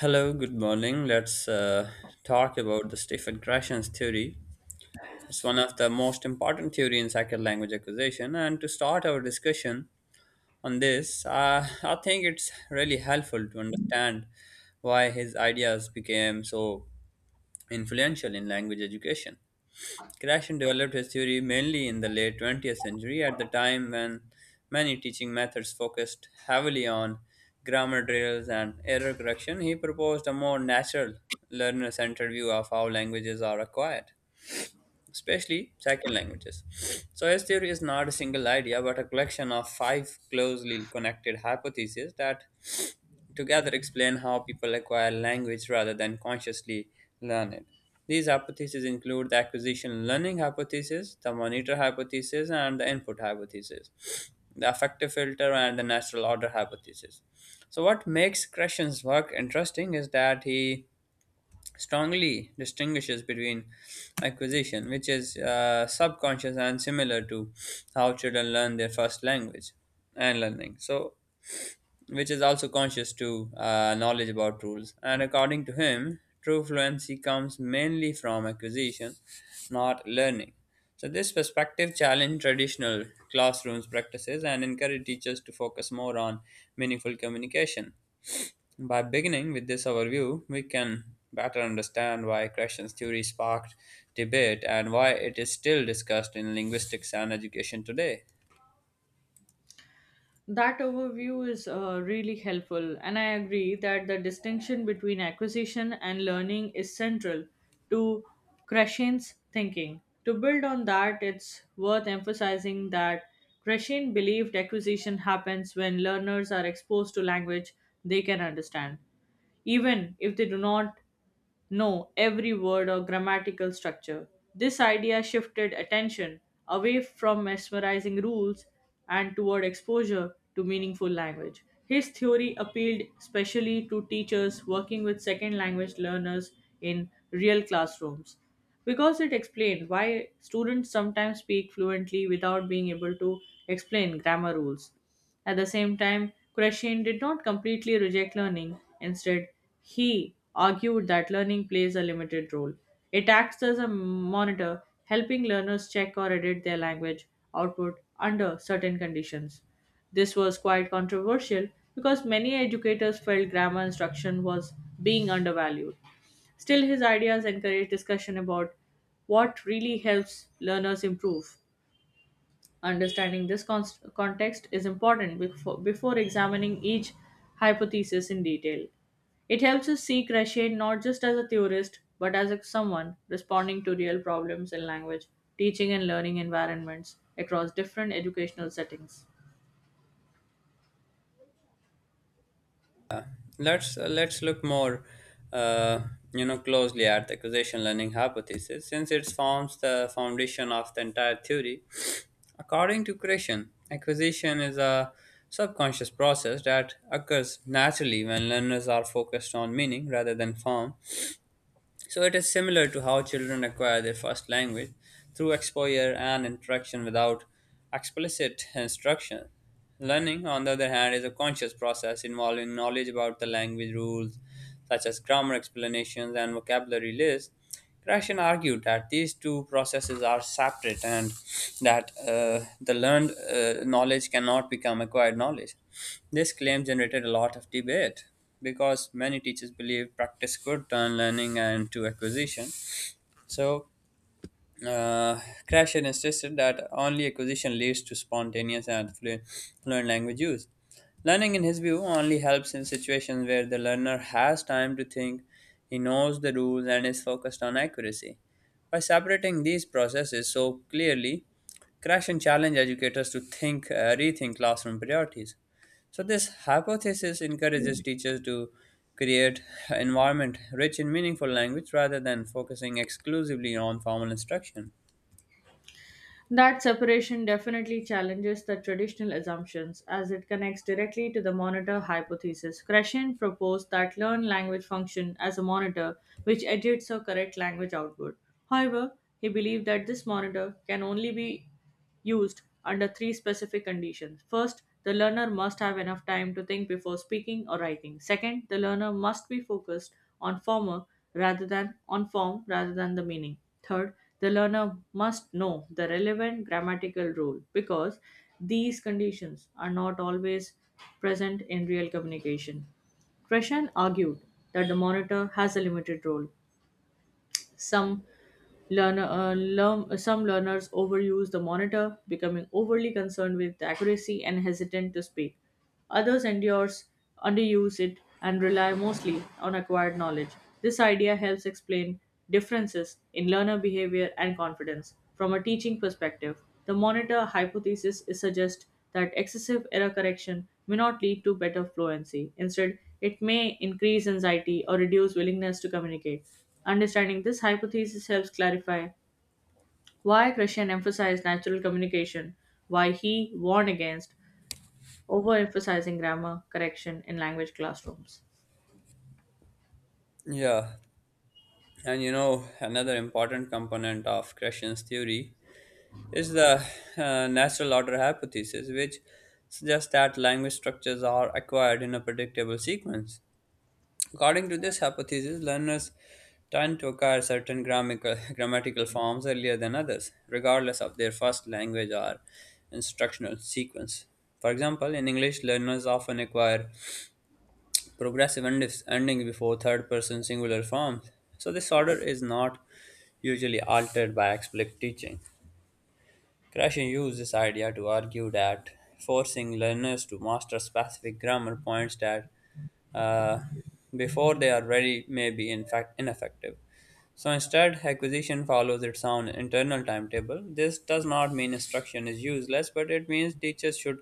Hello, good morning. Let's talk about the Stephen Krashen's theory. It's one of the most important theory in second language acquisition. And to start our discussion on this, I think it's really helpful to understand why his ideas became so influential in language education. Krashen developed his theory mainly in the late 20th century, at the time when many teaching methods focused heavily on grammar drills and error correction. He proposed a more natural, learner centered view of how languages are acquired especially second languages. Choice theory is not a single idea, but a collection of five closely connected hypotheses that together explain how people acquire language rather than consciously learn it. These hypotheses include the acquisition learning hypothesis, the monitor hypothesis, and the input hypothesis, the affective filter, and the natural order hypothesis. So, what makes Kreshans' work interesting is that he strongly distinguishes between acquisition, which is subconscious and similar to how children learn their first language and learning, so which is also conscious to knowledge about rules. And according to him, true fluency comes mainly from acquisition, not learning. So this perspective challenged traditional classrooms practices and encouraged teachers to focus more on meaningful communication. By beginning with this overview, we can better understand why Krashen's theory sparked debate and why it is still discussed in linguistics and education today. That overview is really helpful, and I agree that the distinction between acquisition and learning is central to Krashen's thinking. To build on that, it's worth emphasizing that Krashen believed acquisition happens when learners are exposed to language they can understand, even if they do not know every word or grammatical structure. This idea shifted attention away from mesmerizing rules and toward exposure to meaningful language. His theory appealed especially to teachers working with second language learners in real classrooms because it explained why students sometimes speak fluently without being able to explain grammar rules. At the same time, Krashin did not completely reject learning. Instead, he argued that learning plays a limited role. It acts as a monitor, helping learners check or edit their language output under certain conditions. This was quite controversial because many educators felt grammar instruction was being undervalued. Still, his ideas encouraged discussion about what really helps learners improve. Understanding this context is important before examining each hypothesis in detail. It helps us see Crochet not just as a theorist, but as someone responding to real problems in language, teaching, and learning environments across different educational settings. Let's look more, uh, closely at the causation learning hypothesis, since it forms the foundation of the entire theory. According to Krashen, acquisition is a subconscious process that occurs naturally when learners are focused on meaning rather than form. So it is similar to how children acquire their first language through exposure and interaction without explicit instruction. Learning, on the other hand, is a conscious process involving knowledge about the language rules, such as grammar explanations and vocabulary lists. Krashen argued that these two processes are separate and that the learned knowledge cannot become acquired knowledge. This claim generated a lot of debate because many teachers believe practice could turn learning into acquisition. So, uh, Crasher insisted that only acquisition leads to spontaneous and fluent language use. Learning, in his view, only helps in situations where the learner has time to think, he knows the rules, and is focused on accuracy. By separating these processes so clearly, Crashen challenged educators to rethink classroom priorities. So this hypothesis encourages teachers to create environment rich in meaningful language rather than focusing exclusively on formal instruction. That separation definitely challenges the traditional assumptions as it connects directly to the monitor hypothesis. Krashen proposed that learn language function as a monitor which edits or corrects language output. However, he believed that this monitor can only be used under three specific conditions. First, the learner must have enough time to think before speaking or writing. Second, the learner must be focused on former rather than on form rather than the meaning. Third, the learner must know the relevant grammatical rule because these conditions are not always present in real communication. Kresham argued that the monitor has a limited role. Some learner, uh, learn, some learners overuse the monitor, becoming overly concerned with the accuracy and hesitant to speak. Others endures, underuse it, and rely mostly on acquired knowledge. This idea helps explain differences in learner behavior and confidence. From a teaching perspective, the monitor hypothesis is suggest that excessive error correction may not lead to better fluency. Instead, it may increase anxiety or reduce willingness to communicate. Understanding this hypothesis helps clarify why Krishnan emphasized natural communication, why he warned against overemphasizing grammar correction in language classrooms. Yeah, and another important component of Krishna's theory is the natural order hypothesis, which suggests that language structures are acquired in a predictable sequence. According to this hypothesis, learners tend to acquire certain grammatical, grammatical forms earlier than others, regardless of their first language or instructional sequence. For example, in English, learners often acquire progressive ending before third person singular forms, so this order is not usually altered by explicit teaching. Krashen used this idea to argue that forcing learners to master specific grammar points that uh, before they are ready may be in fact ineffective. So instead, acquisition follows its own internal timetable. This does not mean instruction is useless, but it means teachers should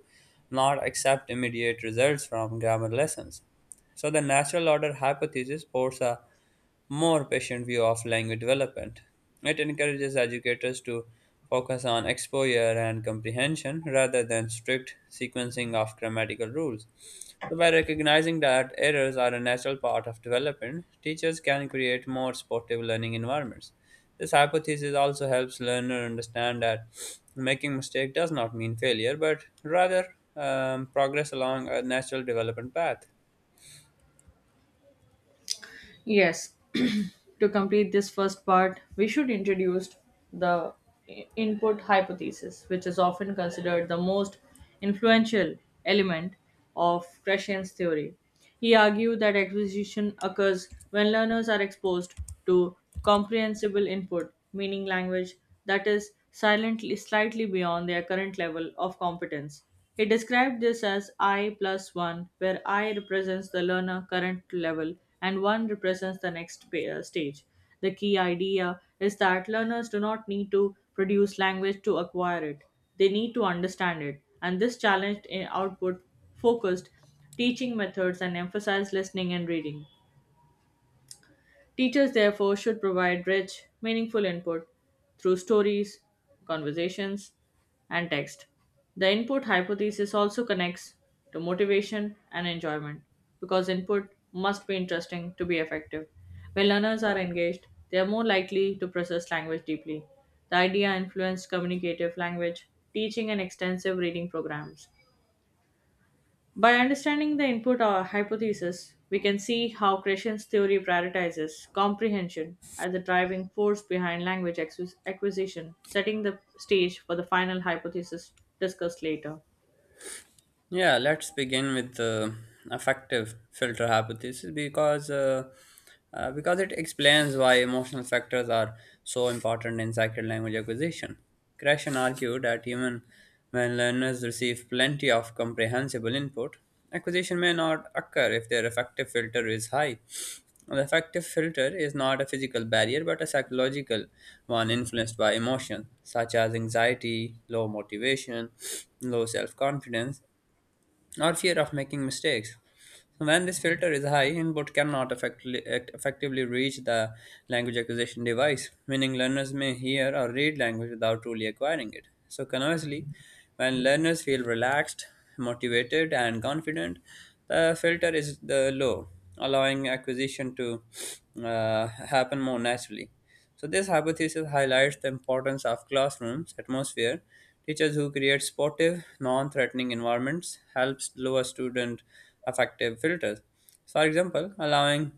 not accept immediate results from grammar lessons. So the natural order hypothesis posits a more patient view of language development. It encourages educators to focus on exposure and comprehension rather than strict sequencing of grammatical rules. So, by recognizing that errors are a natural part of development, teachers can create more supportive learning environments. This hypothesis also helps learner understand that making mistake does not mean failure, but rather progress along a natural development path. Yes, to complete this first part, we should introduce the input hypothesis, which is often considered the most influential element of Krashen's theory. He argued that acquisition occurs when learners are exposed to comprehensible input, meaning language that is silently slightly beyond their current level of competence. He described this as I plus 1, where I represents the learner current level and 1 represents the next stage. The key idea is that learners do not need to produce language to acquire it, they need to understand it. And this challenged in output focused teaching methods and emphasized listening and reading. Teachers, therefore, should provide rich, meaningful input through stories, conversations, and text. The input hypothesis also connects to motivation and enjoyment because input must be interesting to be effective. When learners are engaged, they are more likely to process language deeply. The idea influenced communicative language, teaching, and extensive reading programs. By understanding the input or hypothesis, we can see how Krishan's theory prioritizes comprehension as the driving force behind language acquisition, setting the stage for the final hypothesis discussed later. Yeah, let's begin with the affective filter hypothesis because it explains why emotional factors are so important in sacred language acquisition. Krashen argued that even when learners receive plenty of comprehensible input, acquisition may not occur if their affective filter is high. The affective filter is not a physical barrier but a psychological one influenced by emotions such as anxiety, low motivation, low self confidence, or fear of making mistakes. So when this filter is high, input cannot effectively reach the language acquisition device, meaning learners may hear or read language without truly acquiring it. So, conversely, when learners feel relaxed, motivated, and confident, the filter is the low, allowing acquisition to happen more naturally. So this hypothesis highlights the importance of classrooms atmosphere. Teachers who create supportive, non-threatening environments helps lower student affective filters. So for example, allowing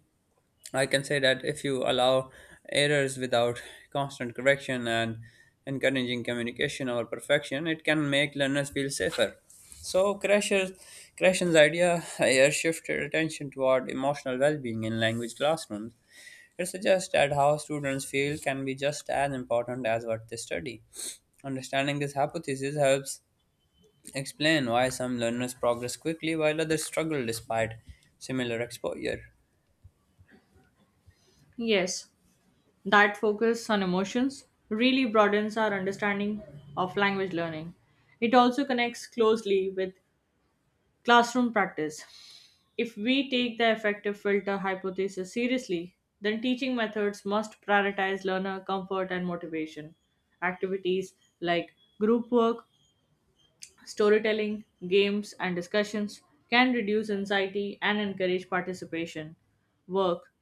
I can say that if you allow errors without constant correction and encouraging communication over perfection, it can make learners feel safer. So Crasher's idea here shifted attention toward emotional well-being in language classrooms. It suggests that how students feel can be just as important as what they study. Understanding this hypothesis helps explain why some learners progress quickly while others struggle despite similar exposure. Yes, that focus on emotions really broadens our understanding of language learning. It also connects closely with classroom practice. If we take the effective filter hypothesis seriously, then teaching methods must prioritize learner comfort and motivation. Activities like group work, storytelling, games, and discussions can reduce anxiety and encourage participation. Work,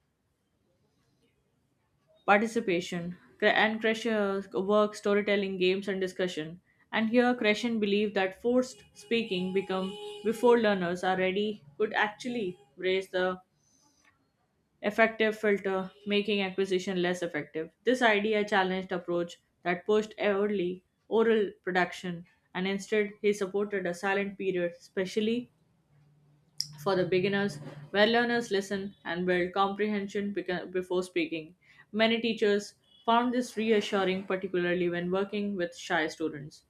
participation, and Kreshe work, storytelling, games, and discussion. And here, Kreshen believed that forced speaking become before learners are ready could actually raise the effective filter, making acquisition less effective. This idea challenged approach that pushed early oral production and instead he supported a silent period, especially for the beginners where learners listen and build comprehension before speaking. Many teachers found this reassuring, particularly when working with shy students.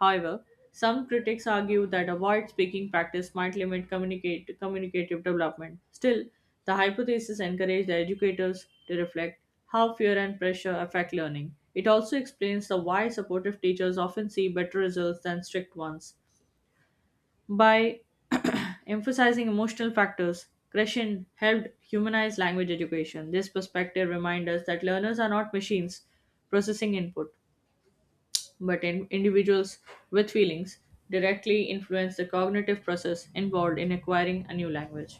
However, some critics argue that a wide speaking practice might limit communicative development. Still, the hypothesis encouraged the educators to reflect how fear and pressure affect learning. It also explains the why supportive teachers often see better results than strict ones. By emphasizing emotional factors, Kreshin helped humanize language education. This perspective reminds us that learners are not machines processing input, but in individuals with feelings directly influence the cognitive process involved in acquiring a new language.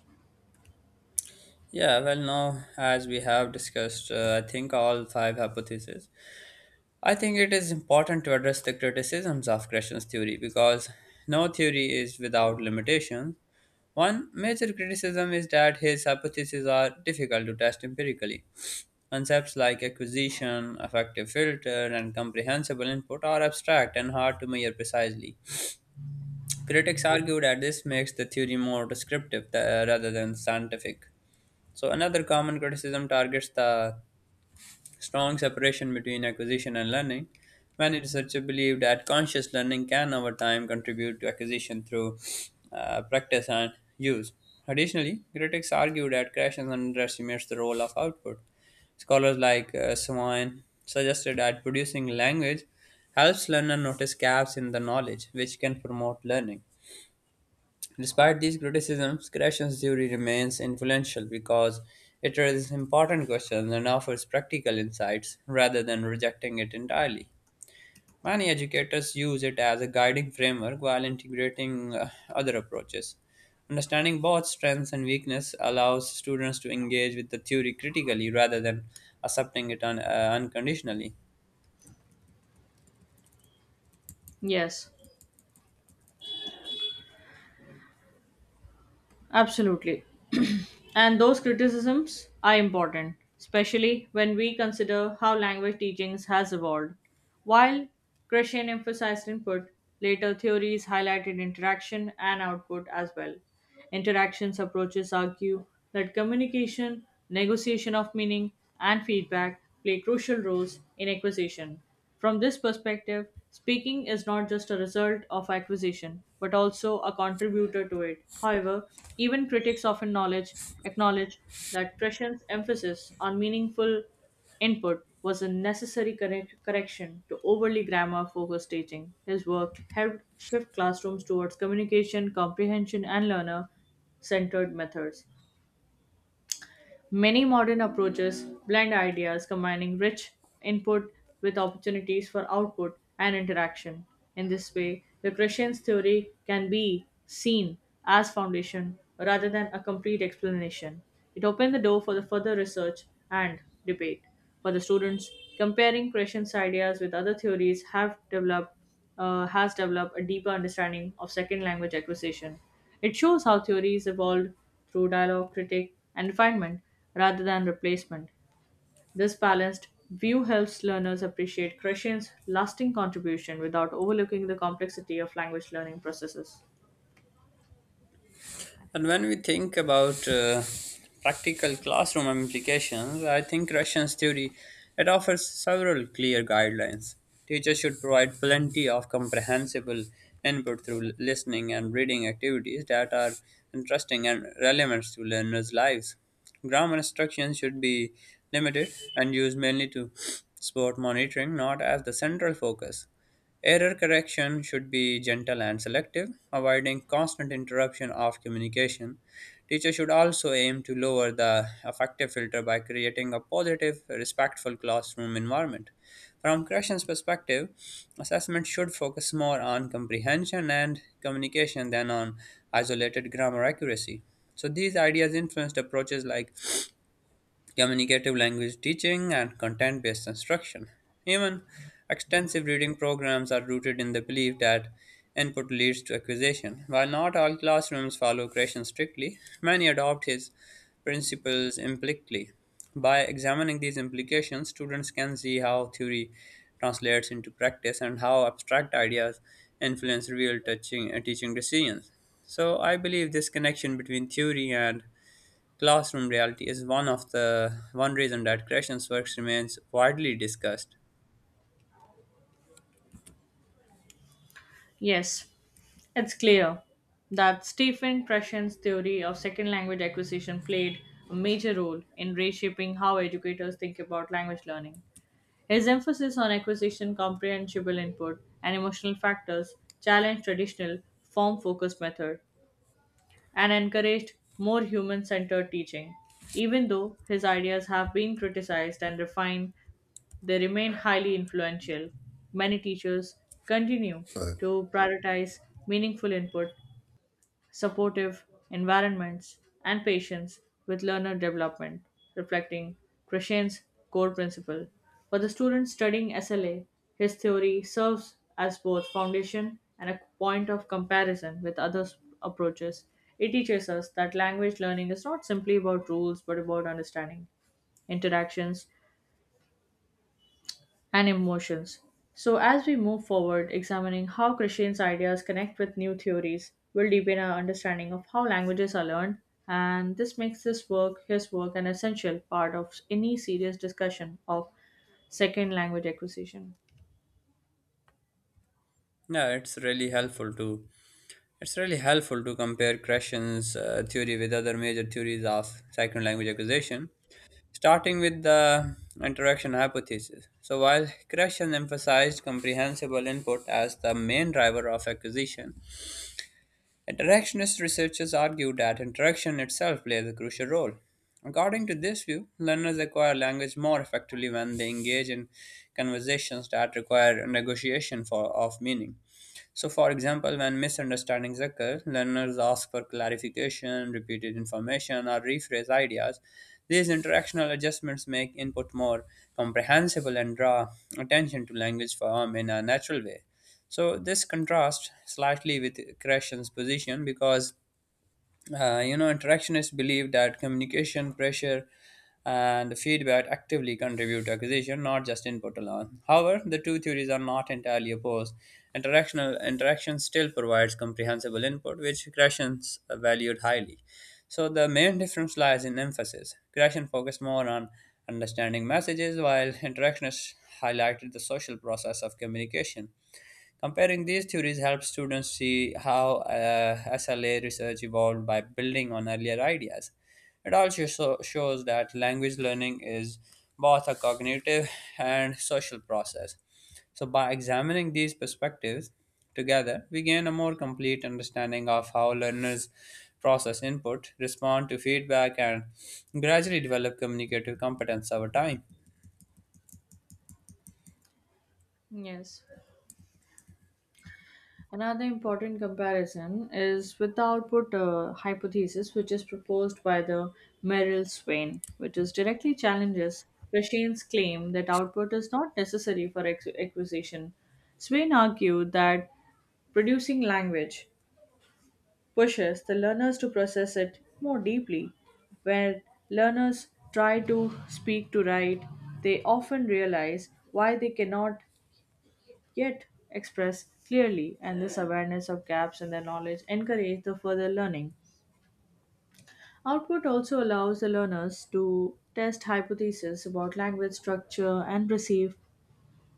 Yeah, well, now as we have discussed, I think all five hypotheses. I think it is important to address the criticisms of Gresham's theory because no theory is without limitations. One major criticism is that his hypotheses are difficult to test empirically. Concepts like acquisition, effective filter, and comprehensible input are abstract and hard to measure precisely. Critics argue that this makes the theory more descriptive rather than scientific. So, another common criticism targets the strong separation between acquisition and learning. Many researchers believe that conscious learning can over time contribute to acquisition through practice and use. Additionally, critics argue that creation underestimates the role of output. Scholars like Swain suggested that producing language helps learner notice gaps in the knowledge, which can promote learning. Despite these criticisms, Gratian's theory remains influential because it raises important questions and offers practical insights rather than rejecting it entirely. Many educators use it as a guiding framework while integrating other approaches. Understanding both strengths and weakness allows students to engage with the theory critically rather than accepting it unconditionally. Yes, absolutely. And those criticisms are important, especially when we consider how language teachings has evolved. While Krishnan emphasized input, later theories highlighted interaction and output as well. Interactions approaches argue that communication, negotiation of meaning, and feedback play crucial roles in acquisition. From this perspective, speaking is not just a result of acquisition, but also a contributor to it. However, even critics often acknowledge that Trescian's emphasis on meaningful input was a necessary correction to overly grammar focused teaching. His work helped shift classrooms towards communication, comprehension, and learner centered methods. Many modern approaches blend ideas, combining rich input with opportunities for output and interaction. In this way, the Christian's theory can be seen as foundation rather than a complete explanation. It opened the door for the further research and debate. For the students, comparing Christian's ideas with other theories have developed has developed a deeper understanding of second language acquisition. It shows how theories evolved through dialogue, critique, and refinement rather than replacement. This balanced view helps learners appreciate Krishan's lasting contribution without overlooking the complexity of language learning processes. And when we think about practical classroom implications, I think Russian's theory, it offers several clear guidelines. Teachers should provide plenty of comprehensible input through listening and reading activities that are interesting and relevant to learners' lives. Grammar instruction should be limited and used mainly to sport monitoring, not as the central focus. Error correction should be gentle and selective, avoiding constant interruption of communication. Teachers should also aim to lower the affective filter by creating a positive, respectful classroom environment. From corrections perspective, assessment should focus more on comprehension and communication than on isolated grammar accuracy. So these ideas influenced approaches like communicative language teaching, and content based instruction. Even extensive reading programs are rooted in the belief that input leads to acquisition. While not all classrooms follow Gratian strictly, many adopt his principles implicitly. By examining these implications, students can see how theory translates into practice and how abstract ideas influence real teaching decisions. So, I believe this connection between theory and classroom reality is one of the one reason that creation's works remains widely discussed. Yes, it's clear that Stephen Krashen's theory of second language acquisition played a major role in reshaping how educators think about language learning. His emphasis on acquisition, comprehensible input, and emotional factors challenged traditional form focused method and encouraged more human centered teaching. Even though his ideas have been criticized and refined, they remain highly influential. Many teachers continue Uh, to prioritize meaningful input, supportive environments, and patience with learner development, reflecting Krishan's core principle. For the student studying SLA, his theory serves as both foundation and a point of comparison with other approaches. It teaches us that language learning is not simply about rules but about understanding interactions, and emotions. So, as we move forward, examining how Christian's ideas connect with new theories will deepen our understanding of how languages are learned, and this makes this work, his work, an essential part of any serious discussion of second language acquisition. Yeah, it's really helpful to it's really helpful to compare Krashen's theory with other major theories of second language acquisition, starting with the interaction hypothesis. So while Krashen emphasized comprehensible input as the main driver of acquisition, interactionist researchers argue that interaction itself plays a crucial role. According to this view, learners acquire language more effectively when they engage in conversations that require negotiation of meaning. So, for example, when misunderstandings occur, learners ask for clarification, repeated information, or rephrase ideas. These interactional adjustments make input more comprehensible and draw attention to language form in a natural way. So, this contrasts slightly with Krashen's position because interactionists believe that communication, pressure, and feedback actively contribute to acquisition, not just input alone. However, the two theories are not entirely opposed. Interaction still provides comprehensible input, which Gratians valued highly. So the main difference lies in emphasis. Krashen focused more on understanding messages, while interactionists highlighted the social process of communication. Comparing these theories helps students see how SLA research evolved by building on earlier ideas. It also shows that language learning is both a cognitive and social process. So, by examining these perspectives together, we gain a more complete understanding of how learners process input, respond to feedback, and gradually develop communicative competence over time. Yes. Another important comparison is with the output hypothesis, which is proposed by the Merrill Swain, which is directly challenges Krashen's claim that output is not necessary for acquisition. Swain argued that producing language pushes the learners to process it more deeply. When learners try to speak to write, they often realize why they cannot yet express clearly, and this awareness of gaps in their knowledge encourage the further learning. Output also allows the learners to test hypotheses about language structure and perceive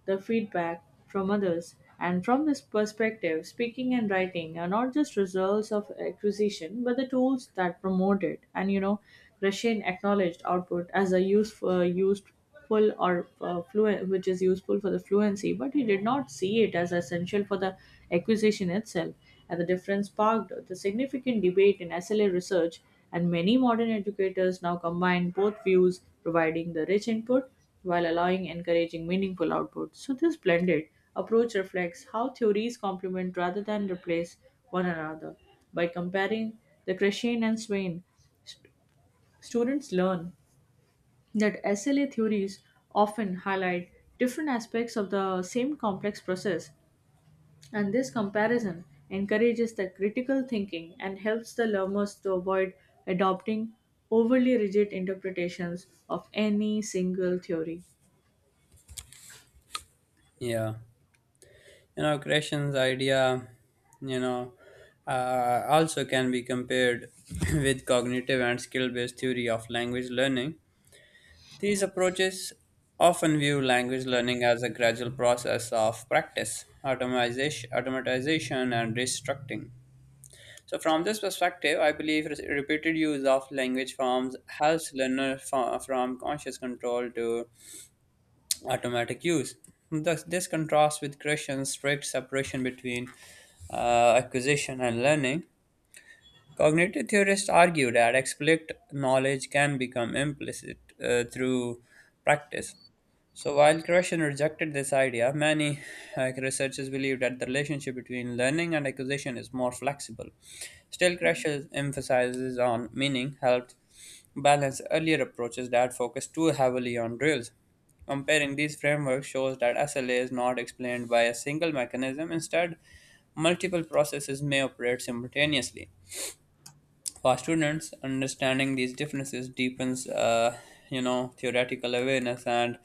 the feedback from others. And from this perspective, speaking and writing are not just results of acquisition, but the tools that promote it. And you know, Russian acknowledged output as a useful, useful or fluent, which is useful for the fluency, but he did not see it as essential for the acquisition itself. And the difference sparked the significant debate in SLA research, and many modern educators now combine both views, providing the rich input while allowing encouraging meaningful output. So, this blended approach reflects how theories complement rather than replace one another. By comparing the Krishna and Swain, s- students learn that SLA theories often highlight different aspects of the same complex process, and this comparison encourages the critical thinking and helps the learners to avoid adopting overly rigid interpretations of any single theory. Yeah. Creation's idea you know also can be compared with cognitive and skill-based theory of language learning. These approaches often view language learning as a gradual process of practice automatization and restructuring. So from this perspective I believe repeated use of language forms helps learner from conscious control to automatic use. Thus, this contrasts with Christians' strict separation between acquisition and learning. Cognitive theorists argue that explicit knowledge can become implicit through practice. So, while Krishnan rejected this idea, many researchers believe that the relationship between learning and acquisition is more flexible. Still, Krishnan emphasizes on meaning, helped balance earlier approaches that focus too heavily on drills. Comparing these frameworks shows that SLA is not explained by a single mechanism, instead, multiple processes may operate simultaneously. For students, understanding these differences deepens theoretical awareness and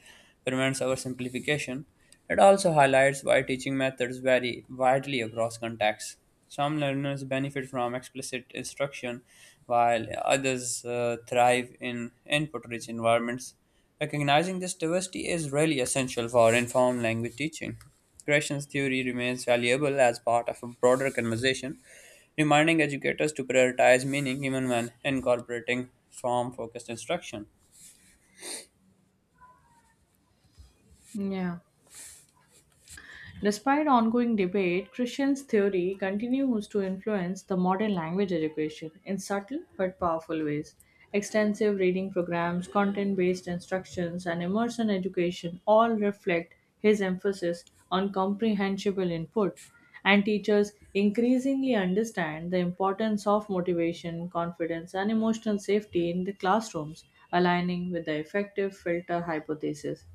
prevents oversimplification. It also highlights why teaching methods vary widely across contexts. Some learners benefit from explicit instruction, while others thrive in input-rich environments. Recognizing this diversity is really essential for informed language teaching. Creation's theory remains valuable as part of a broader conversation reminding educators to prioritize meaning even when incorporating form focused instruction. Yeah. Despite ongoing debate, Christian's theory continues to influence the modern language education in subtle but powerful ways. Extensive reading programs, content based instructions, and immersion education all reflect his emphasis on comprehensible input, and teachers increasingly understand the importance of motivation, confidence, and emotional safety in the classrooms, aligning with the effective filter hypothesis.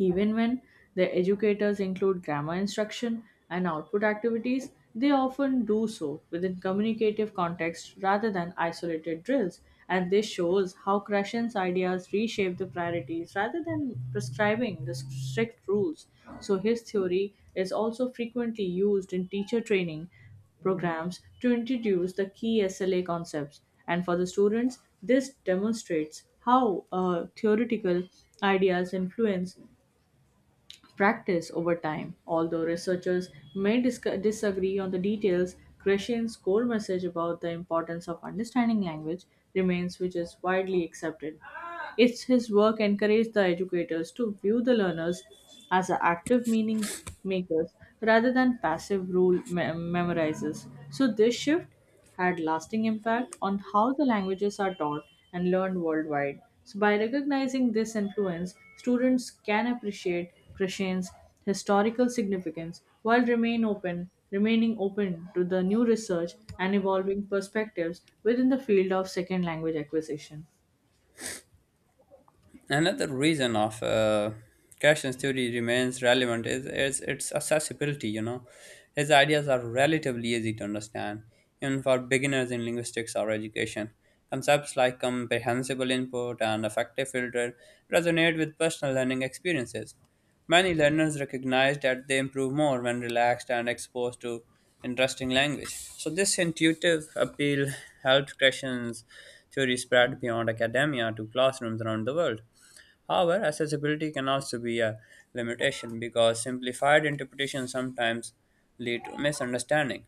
Even when their educators include grammar instruction and output activities, they often do so within communicative context rather than isolated drills. And this shows how Krashen's ideas reshape the priorities rather than prescribing the strict rules. So his theory is also frequently used in teacher training programs to introduce the key SLA concepts. And for the students, this demonstrates how theoretical ideas influence practice over time. Although researchers may disagree on the details, Krishan's core message about the importance of understanding language remains, which is widely accepted. It's his work encouraged the educators to view the learners as a active meaning makers rather than passive rule memorizers. So this shift had lasting impact on how the languages are taught and learned worldwide. So by recognizing this influence, students can appreciate Krishan's historical significance while remaining open to the new research and evolving perspectives within the field of second language acquisition. Another reason of Cashion's theory remains relevant is its accessibility. You know, his ideas are relatively easy to understand, even for beginners in linguistics or education. Concepts like comprehensible input and effective filter resonate with personal learning experiences. Many learners recognize that they improve more when relaxed and exposed to interesting language. So, this intuitive appeal helped Krishna's theory spread beyond academia to classrooms around the world. However, accessibility can also be a limitation because simplified interpretations sometimes lead to misunderstanding.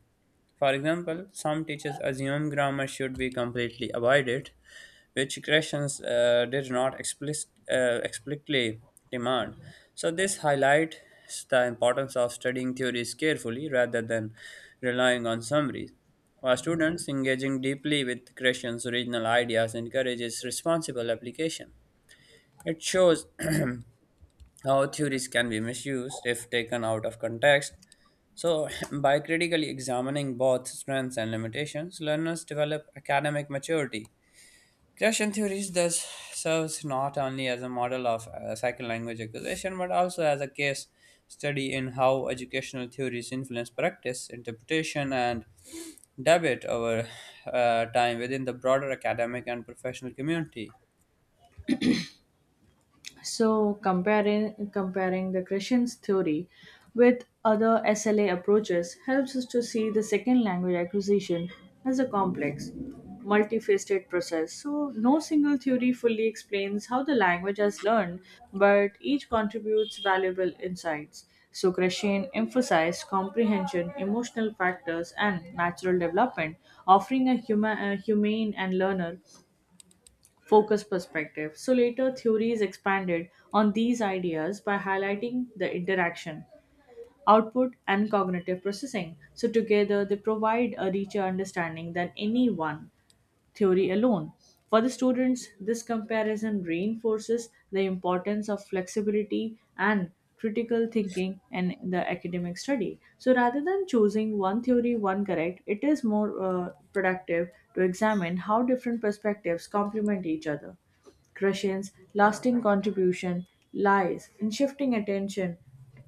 For example, some teachers assume grammar should be completely avoided, which questions did not explicitly demand. So this highlights the importance of studying theories carefully rather than relying on summaries. For students, engaging deeply with questions' original ideas encourages responsible application. It shows how theories can be misused if taken out of context. So, by critically examining both strengths and limitations, learners develop academic maturity. Christian theories thus serves not only as a model of second language acquisition but also as a case study in how educational theories influence practice, interpretation, and debate over time within the broader academic and professional community. So comparing the Christian's theory with other SLA approaches helps us to see the second language acquisition as a complex, multifaceted process. So no single theory fully explains how the language has learned, but each contributes valuable insights. So Christian emphasized comprehension, emotional factors, and natural development, offering a humane and learner focus perspective. So later theories expanded on these ideas by highlighting the interaction, output and cognitive processing. So together they provide a richer understanding than any one theory alone. For the students, this comparison reinforces the importance of flexibility and critical thinking in the academic study. So rather than choosing one theory, one correct, it is more productive to examine how different perspectives complement each other. Krushin's lasting contribution lies in shifting attention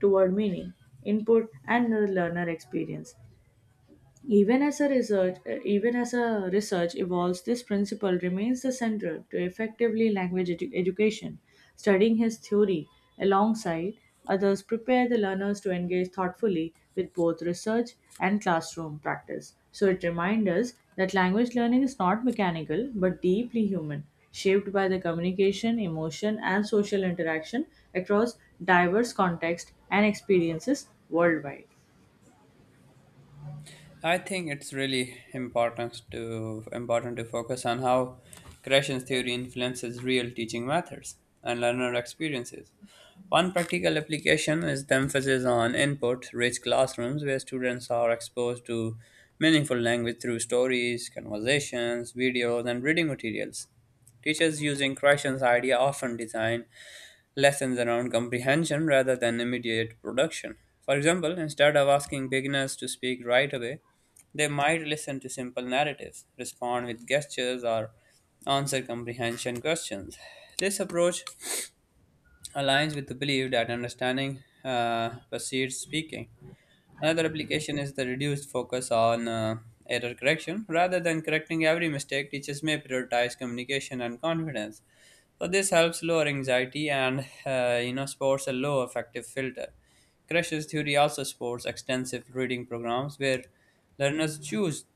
toward meaning, input, and the learner experience. Even as a research evolves, this principle remains the central to effectively language education. Studying his theory alongside others prepare the learners to engage thoughtfully with both research and classroom practice. So it reminds us that language learning is not mechanical but deeply human, shaped by the communication, emotion, and social interaction across diverse contexts and experiences worldwide. I think it's really important to focus on how Gresham's theory influences real teaching methods and learner experiences. One practical application is the emphasis on input-rich classrooms where students are exposed to meaningful language through stories, conversations, videos, and reading materials. Teachers using Gresham's idea often design lessons around comprehension rather than immediate production. For example, instead of asking beginners to speak right away, they might listen to simple narratives, respond with gestures, or answer comprehension questions. This approach aligns with the belief that understanding precedes speaking. Another application is the reduced focus on error correction. Rather than correcting every mistake, teachers may prioritize communication and confidence. So this helps lower anxiety and you know supports a low affective filter. Crushes theory also supports extensive reading programs where learners choose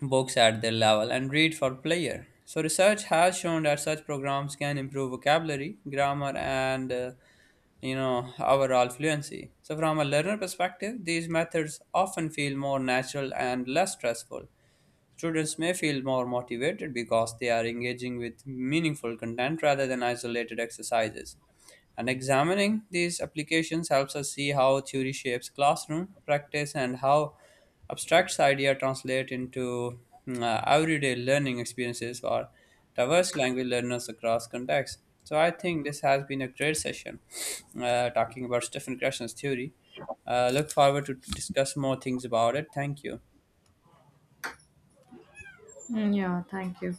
books at their level and read for player. So, research has shown that such programs can improve vocabulary, grammar, and you know overall fluency. So, from a learner perspective, these methods often feel more natural and less stressful. Students may feel more motivated because they are engaging with meaningful content rather than isolated exercises. And examining these applications helps us see how theory shapes classroom practice and how abstract idea translate into everyday learning experiences for diverse language learners across contexts. So I think this has been a great session talking about Stephen Krasner's theory. Look forward to discuss more things about it. Thank you. Mm, yeah, thank you.